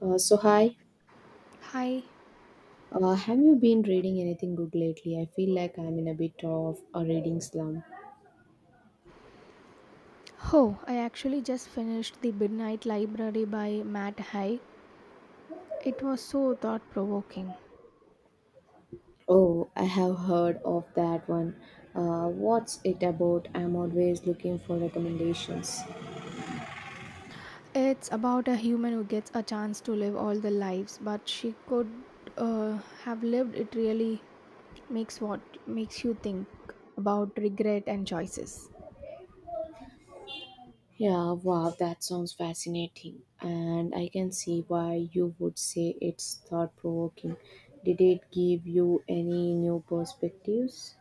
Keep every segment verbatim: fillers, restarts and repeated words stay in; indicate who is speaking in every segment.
Speaker 1: Uh, so hi,
Speaker 2: Hi.
Speaker 1: uh, have you been reading anything good lately? I feel like I'm in a bit of a reading slump.
Speaker 2: Oh, I actually just finished The Midnight Library by Matt Haig. It was so thought provoking.
Speaker 1: Oh, I have heard of that one. Uh, what's it about? I'm always looking for recommendations.
Speaker 2: It's about a human who gets a chance to live all the lives, but she could uh, have lived it really makes what makes you think about regret and choices.
Speaker 1: Yeah, wow, that sounds fascinating, and I can see why you would say it's thought provoking. Did it give you any new perspectives?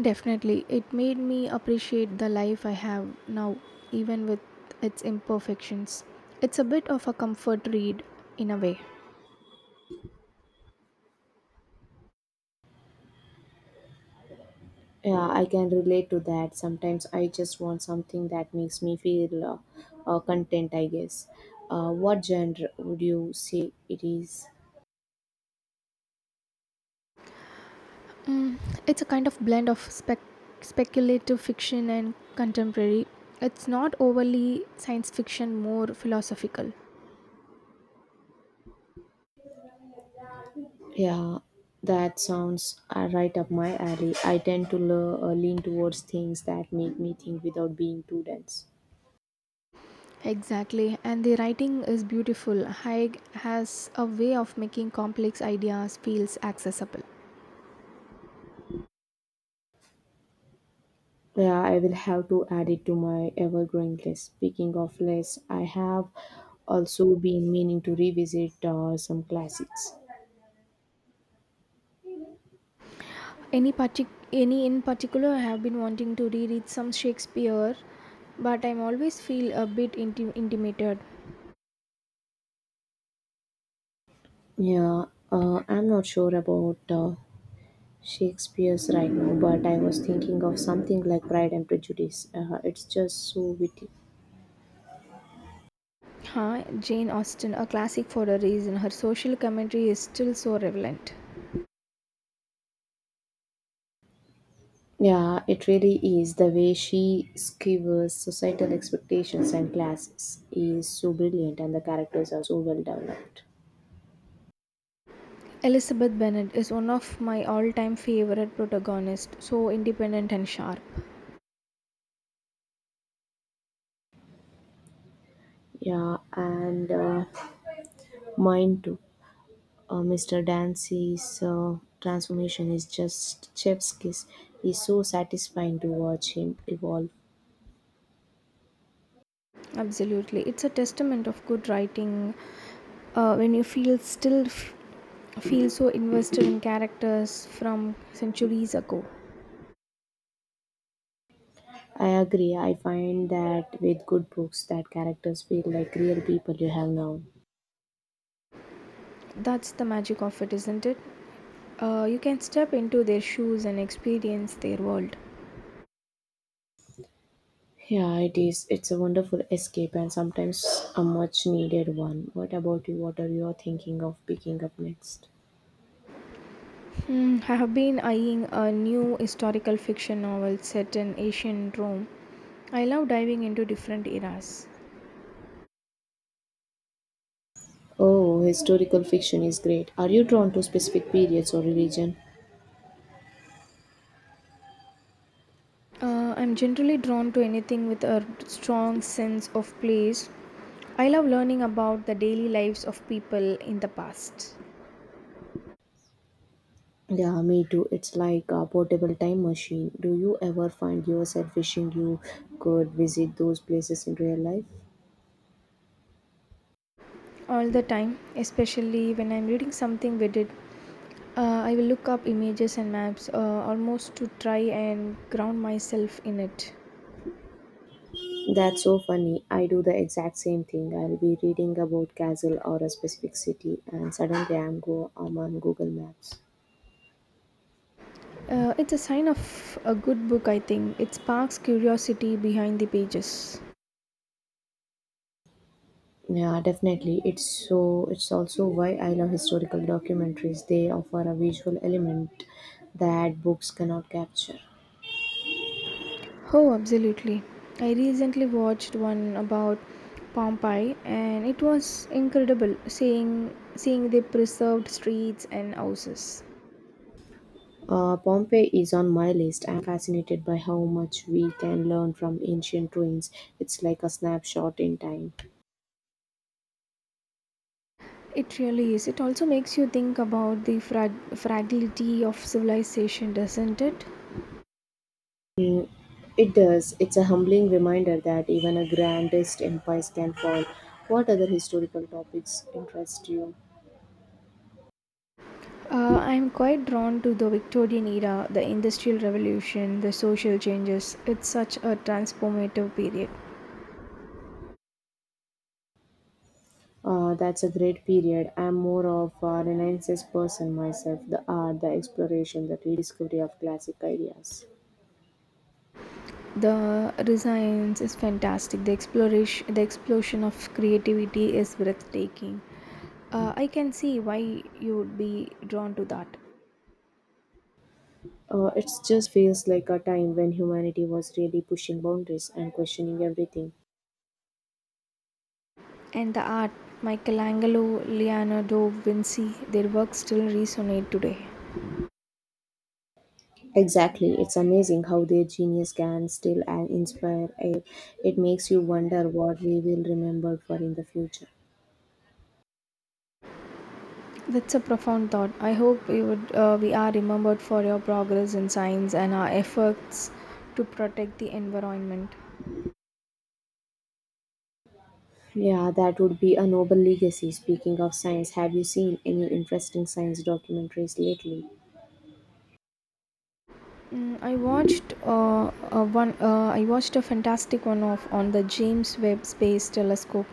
Speaker 2: Definitely, it made me appreciate the life I have now, even with its imperfections. It's a bit of a comfort read in a way.
Speaker 1: Yeah, I can relate to that. Sometimes I just want something that makes me feel uh, uh, content, I guess. Uh, what genre would you say it is?
Speaker 2: Mm, it's a kind of blend of spec- speculative fiction and contemporary. It's not overly science fiction, more philosophical.
Speaker 1: Yeah, that sounds uh, right up my alley. I tend to le- uh, lean towards things that make me think without being too dense.
Speaker 2: Exactly, and the writing is beautiful. Haig has a way of making complex ideas feels accessible.
Speaker 1: Yeah, I will have to add it to my ever growing list. Speaking of lists, I have also been meaning to revisit uh, some classics.
Speaker 2: Any partic- any in particular, I have been wanting to reread some Shakespeare, but I'm always feel a bit inti- intimidated.
Speaker 1: Yeah, uh, I'm not sure about uh, Shakespeare's right now, but I was thinking of something like Pride and Prejudice. Uh, it's just so witty.
Speaker 2: Huh? Jane Austen, a classic for a reason. Her social commentary is still so relevant.
Speaker 1: Yeah, it really is. The way she skewers societal expectations and classes is so brilliant, and the characters are so well developed.
Speaker 2: Elizabeth Bennet is one of my all-time favorite protagonists, so independent and sharp.
Speaker 1: Yeah, and uh, mine too. Uh, Mister Dancy's uh, transformation is just chef's kiss. It's so satisfying to watch him evolve.
Speaker 2: Absolutely. It's a testament of good writing uh, when you feel still f- feel so invested in characters from centuries ago.
Speaker 1: I agree. I find that with good books, that characters feel like real people you have known.
Speaker 2: That's the magic of it, isn't it? Uh, you can step into their shoes and experience their world.
Speaker 1: Yeah, it is. It's a wonderful escape and sometimes a much needed one. What about you? What are you thinking of picking up next?
Speaker 2: Hmm, I have been eyeing a new historical fiction novel set in ancient Rome. I love diving into different eras.
Speaker 1: Oh, historical fiction is great. Are you drawn to specific periods or religion?
Speaker 2: Uh, I'm generally drawn to anything with a strong sense of place. I love learning about the daily lives of people in the past
Speaker 1: Yeah, me too. It's like a portable time machine. Do you ever find yourself wishing you could visit those places in real life?
Speaker 2: all the time, especially when I'm reading something with it. Uh, I will look up images and maps uh, almost to try and ground myself in it.
Speaker 1: That's so funny. I do the exact same thing. I'll be reading about castle or a specific city and suddenly I'm go I'm on Google Maps.
Speaker 2: Uh, it's a sign of a good book, I think. It sparks curiosity behind the pages.
Speaker 1: Yeah, definitely. It's so it's also why I love historical documentaries. They offer a visual element that books cannot capture.
Speaker 2: Oh, absolutely. I recently watched one about Pompeii and it was incredible seeing seeing the preserved streets and houses.
Speaker 1: Uh, Pompeii is on my list. I'm fascinated by how much we can learn from ancient ruins. It's like a snapshot in time.
Speaker 2: It really is. It also makes you think about the frag- fragility of civilization, doesn't it?
Speaker 1: It does. It's a humbling reminder that even a grandest empires can fall. What other historical topics interest you?
Speaker 2: Uh, I'm quite drawn to the Victorian era, the Industrial Revolution, the social changes. It's such a transformative period.
Speaker 1: Uh, that's a great period. I'm more of a Renaissance person myself. The art, the exploration, the rediscovery of classic ideas.
Speaker 2: The designs is fantastic, the exploration, the explosion of creativity is breathtaking. Uh, i can see why you would be drawn to that.
Speaker 1: Uh, it just feels like a time when humanity was really pushing boundaries and questioning everything.
Speaker 2: And the art, Michelangelo, Leonardo, Vinci, their work still resonate today.
Speaker 1: Exactly. It's amazing how their genius can still uh, inspire. It, it makes you wonder what we will remember for in the future.
Speaker 2: That's a profound thought. I hope we would uh, we are remembered for your progress in science and our efforts to protect the environment.
Speaker 1: Yeah, that would be a noble legacy. Speaking of science, have you seen any interesting science documentaries lately?
Speaker 2: Mm, I watched uh, uh, one. Uh, I watched a fantastic one of on the James Webb Space Telescope.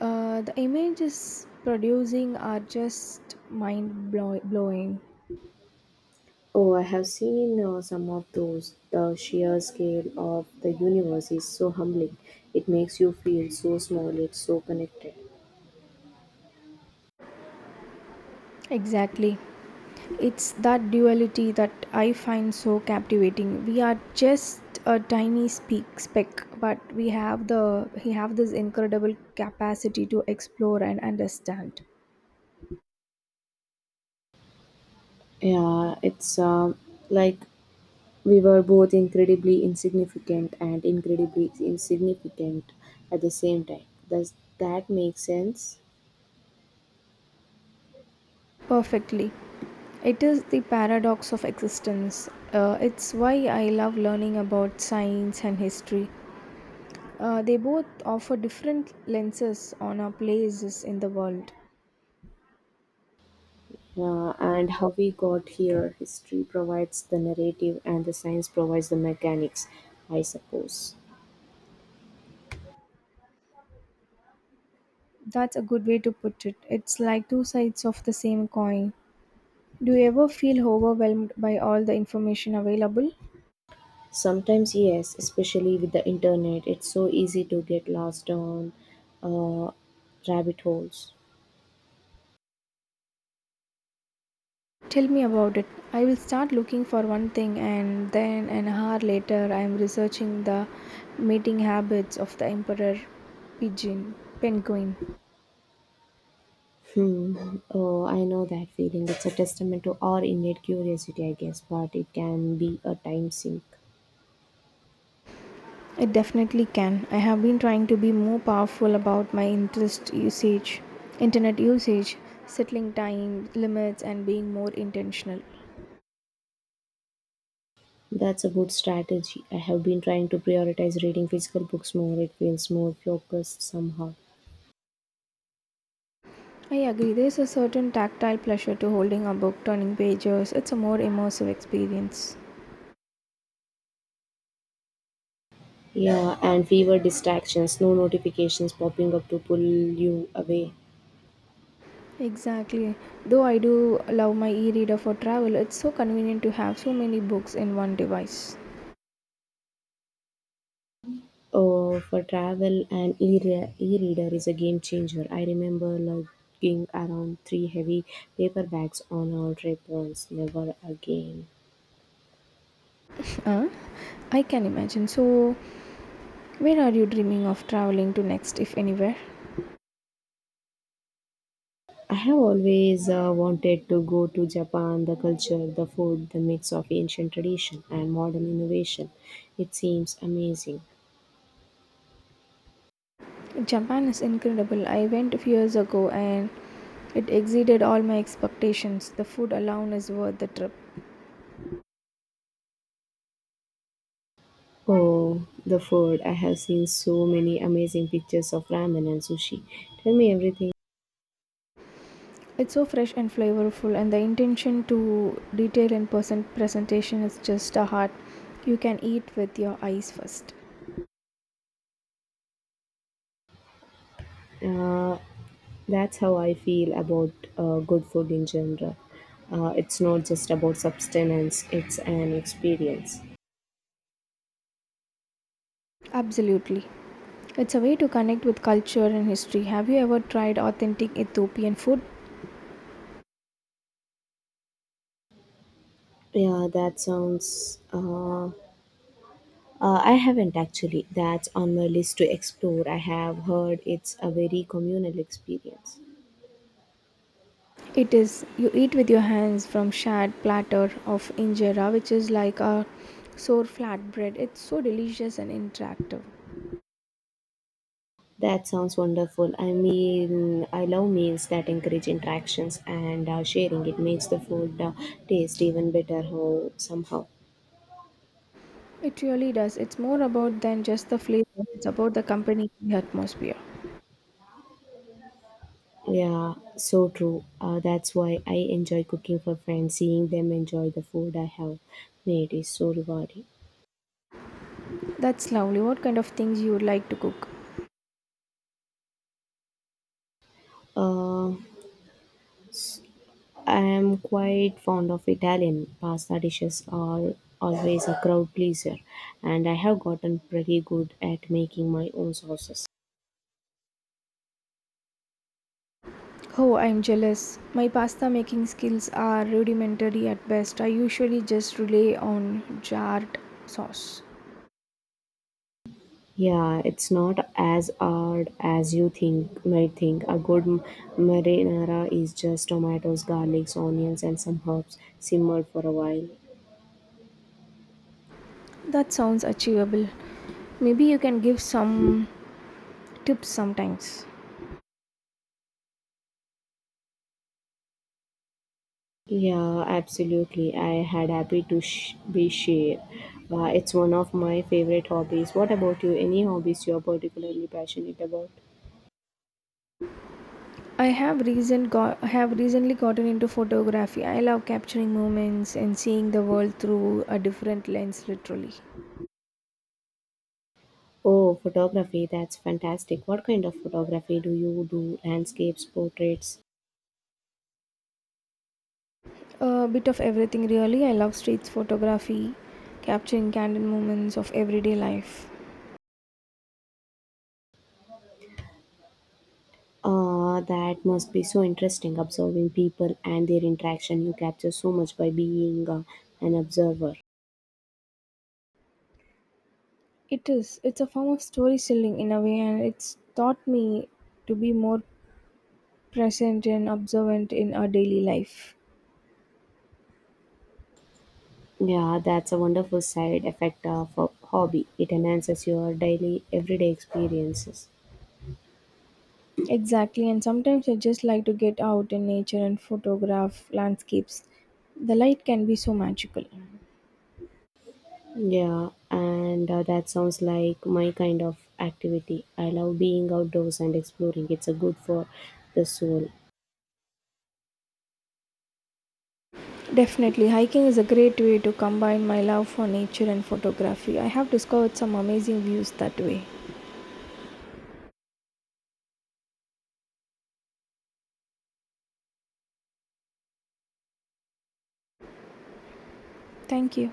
Speaker 2: Uh, the images producing are just mind blow- blowing.
Speaker 1: Oh, I have seen uh, some of those. The sheer scale of the universe is so humbling. It makes you feel so small, it's so connected.
Speaker 2: Exactly, it's that duality that I find so captivating. We are just a tiny speak speck, but we have the we have this incredible capacity to explore and understand
Speaker 1: Yeah, it's uh, like we were both incredibly insignificant and incredibly insignificant at the same time. Does that make sense?
Speaker 2: perfectly. It is the paradox of existence. Uh, it's why I love learning about science and history. Uh, they both offer different lenses on our places in the world.
Speaker 1: Uh, and how we got here, history provides the narrative and the science provides the mechanics, I suppose.
Speaker 2: That's a good way to put it. It's like two sides of the same coin. Do you ever feel overwhelmed by all the information available?
Speaker 1: Sometimes, yes, especially with the internet, it's so easy to get lost on uh, rabbit holes.
Speaker 2: Tell me about it. I will start looking for one thing, and then an hour later, I am researching the mating habits of the emperor pigeon, penguin.
Speaker 1: Hmm. Oh, I know that feeling. It's a testament to our innate curiosity, I guess, but it can be a time sink.
Speaker 2: It definitely can. I have been trying to be more powerful about my interest usage, internet usage, settling time limits, and being more intentional.
Speaker 1: That's a good strategy. I have been trying to prioritize reading physical books more. It feels more focused somehow.
Speaker 2: I agree, there's a certain tactile pleasure to holding a book, turning pages. It's a more immersive experience.
Speaker 1: Yeah, and fewer distractions, no notifications popping up to pull you away.
Speaker 2: Exactly. Though I do love my e reader for travel, it's so convenient to have so many books in one device.
Speaker 1: Oh, for travel, an e-re- e-reader is a game changer. I remember lugging around three heavy paper bags on our trip once. Never again.
Speaker 2: Uh, I can imagine. So, where are you dreaming of traveling to next, if anywhere?
Speaker 1: I have always uh, wanted to go to Japan, the culture, the food, the mix of ancient tradition and modern innovation. It seems amazing.
Speaker 2: Japan is incredible. I went a few years ago and it exceeded all my expectations. The food alone is worth the trip.
Speaker 1: Oh, the food. I have seen so many amazing pictures of ramen and sushi. Tell me everything.
Speaker 2: It's so fresh and flavorful, and the intention to detail and present presentation is just a heart, you can eat with your eyes first.
Speaker 1: Uh, that's how I feel about uh, good food in general. Uh, it's not just about substance, it's an experience.
Speaker 2: Absolutely. It's a way to connect with culture and history. Have you ever tried authentic Ethiopian food?
Speaker 1: Yeah, that sounds. Uh, uh, I haven't actually. That's on my list to explore. I have heard it's a very communal experience.
Speaker 2: It is, you eat with your hands from shared platter of injera, which is like a sour flatbread. It's so delicious and interactive.
Speaker 1: That sounds wonderful. I mean, I love meals that encourage interactions and uh, sharing. It makes the food uh, taste even better ho- somehow.
Speaker 2: It really does. It's more about than just the flavors. It's about the company, the atmosphere.
Speaker 1: Yeah, so true. Uh, that's why I enjoy cooking for friends. Seeing them enjoy the food I have made is so rewarding.
Speaker 2: That's lovely. What kind of things you would like to cook?
Speaker 1: Uh, I am quite fond of Italian pasta dishes. Are always a crowd pleaser, and I have gotten pretty good at making my own sauces.
Speaker 2: Oh, I'm jealous. My pasta making skills are rudimentary at best. I usually just rely on jarred sauce.
Speaker 1: Yeah, it's not as hard as you think might think. A good m- marinara is just tomatoes, garlics, onions, and some herbs simmered for a while.
Speaker 2: That sounds achievable. Maybe you can give some tips sometimes.
Speaker 1: Yeah, absolutely. I had happy to sh- be shared. Uh, it's one of my favorite hobbies. What about you? Any hobbies you're particularly passionate about?
Speaker 2: I have recent got, I have recently gotten into photography. I love capturing moments and seeing the world through a different lens literally.
Speaker 1: Oh, photography. That's fantastic. What kind of photography do you do? Landscapes, portraits?
Speaker 2: A bit of everything, really. I love street photography, capturing candid moments of everyday life.
Speaker 1: Uh, that must be so interesting observing people and their interaction. You capture so much by being uh, an observer.
Speaker 2: It is. It's a form of storytelling in a way, and it's taught me to be more present and observant in our daily life.
Speaker 1: Yeah, that's a wonderful side effect of a hobby. It enhances your daily, everyday experiences.
Speaker 2: Exactly, and sometimes I just like to get out in nature and photograph landscapes. The light can be so magical.
Speaker 1: Yeah, and uh, that sounds like my kind of activity. I love being outdoors and exploring. It's a good for the soul.
Speaker 2: Definitely, hiking is a great way to combine my love for nature and photography. I have discovered some amazing views that way. Thank you.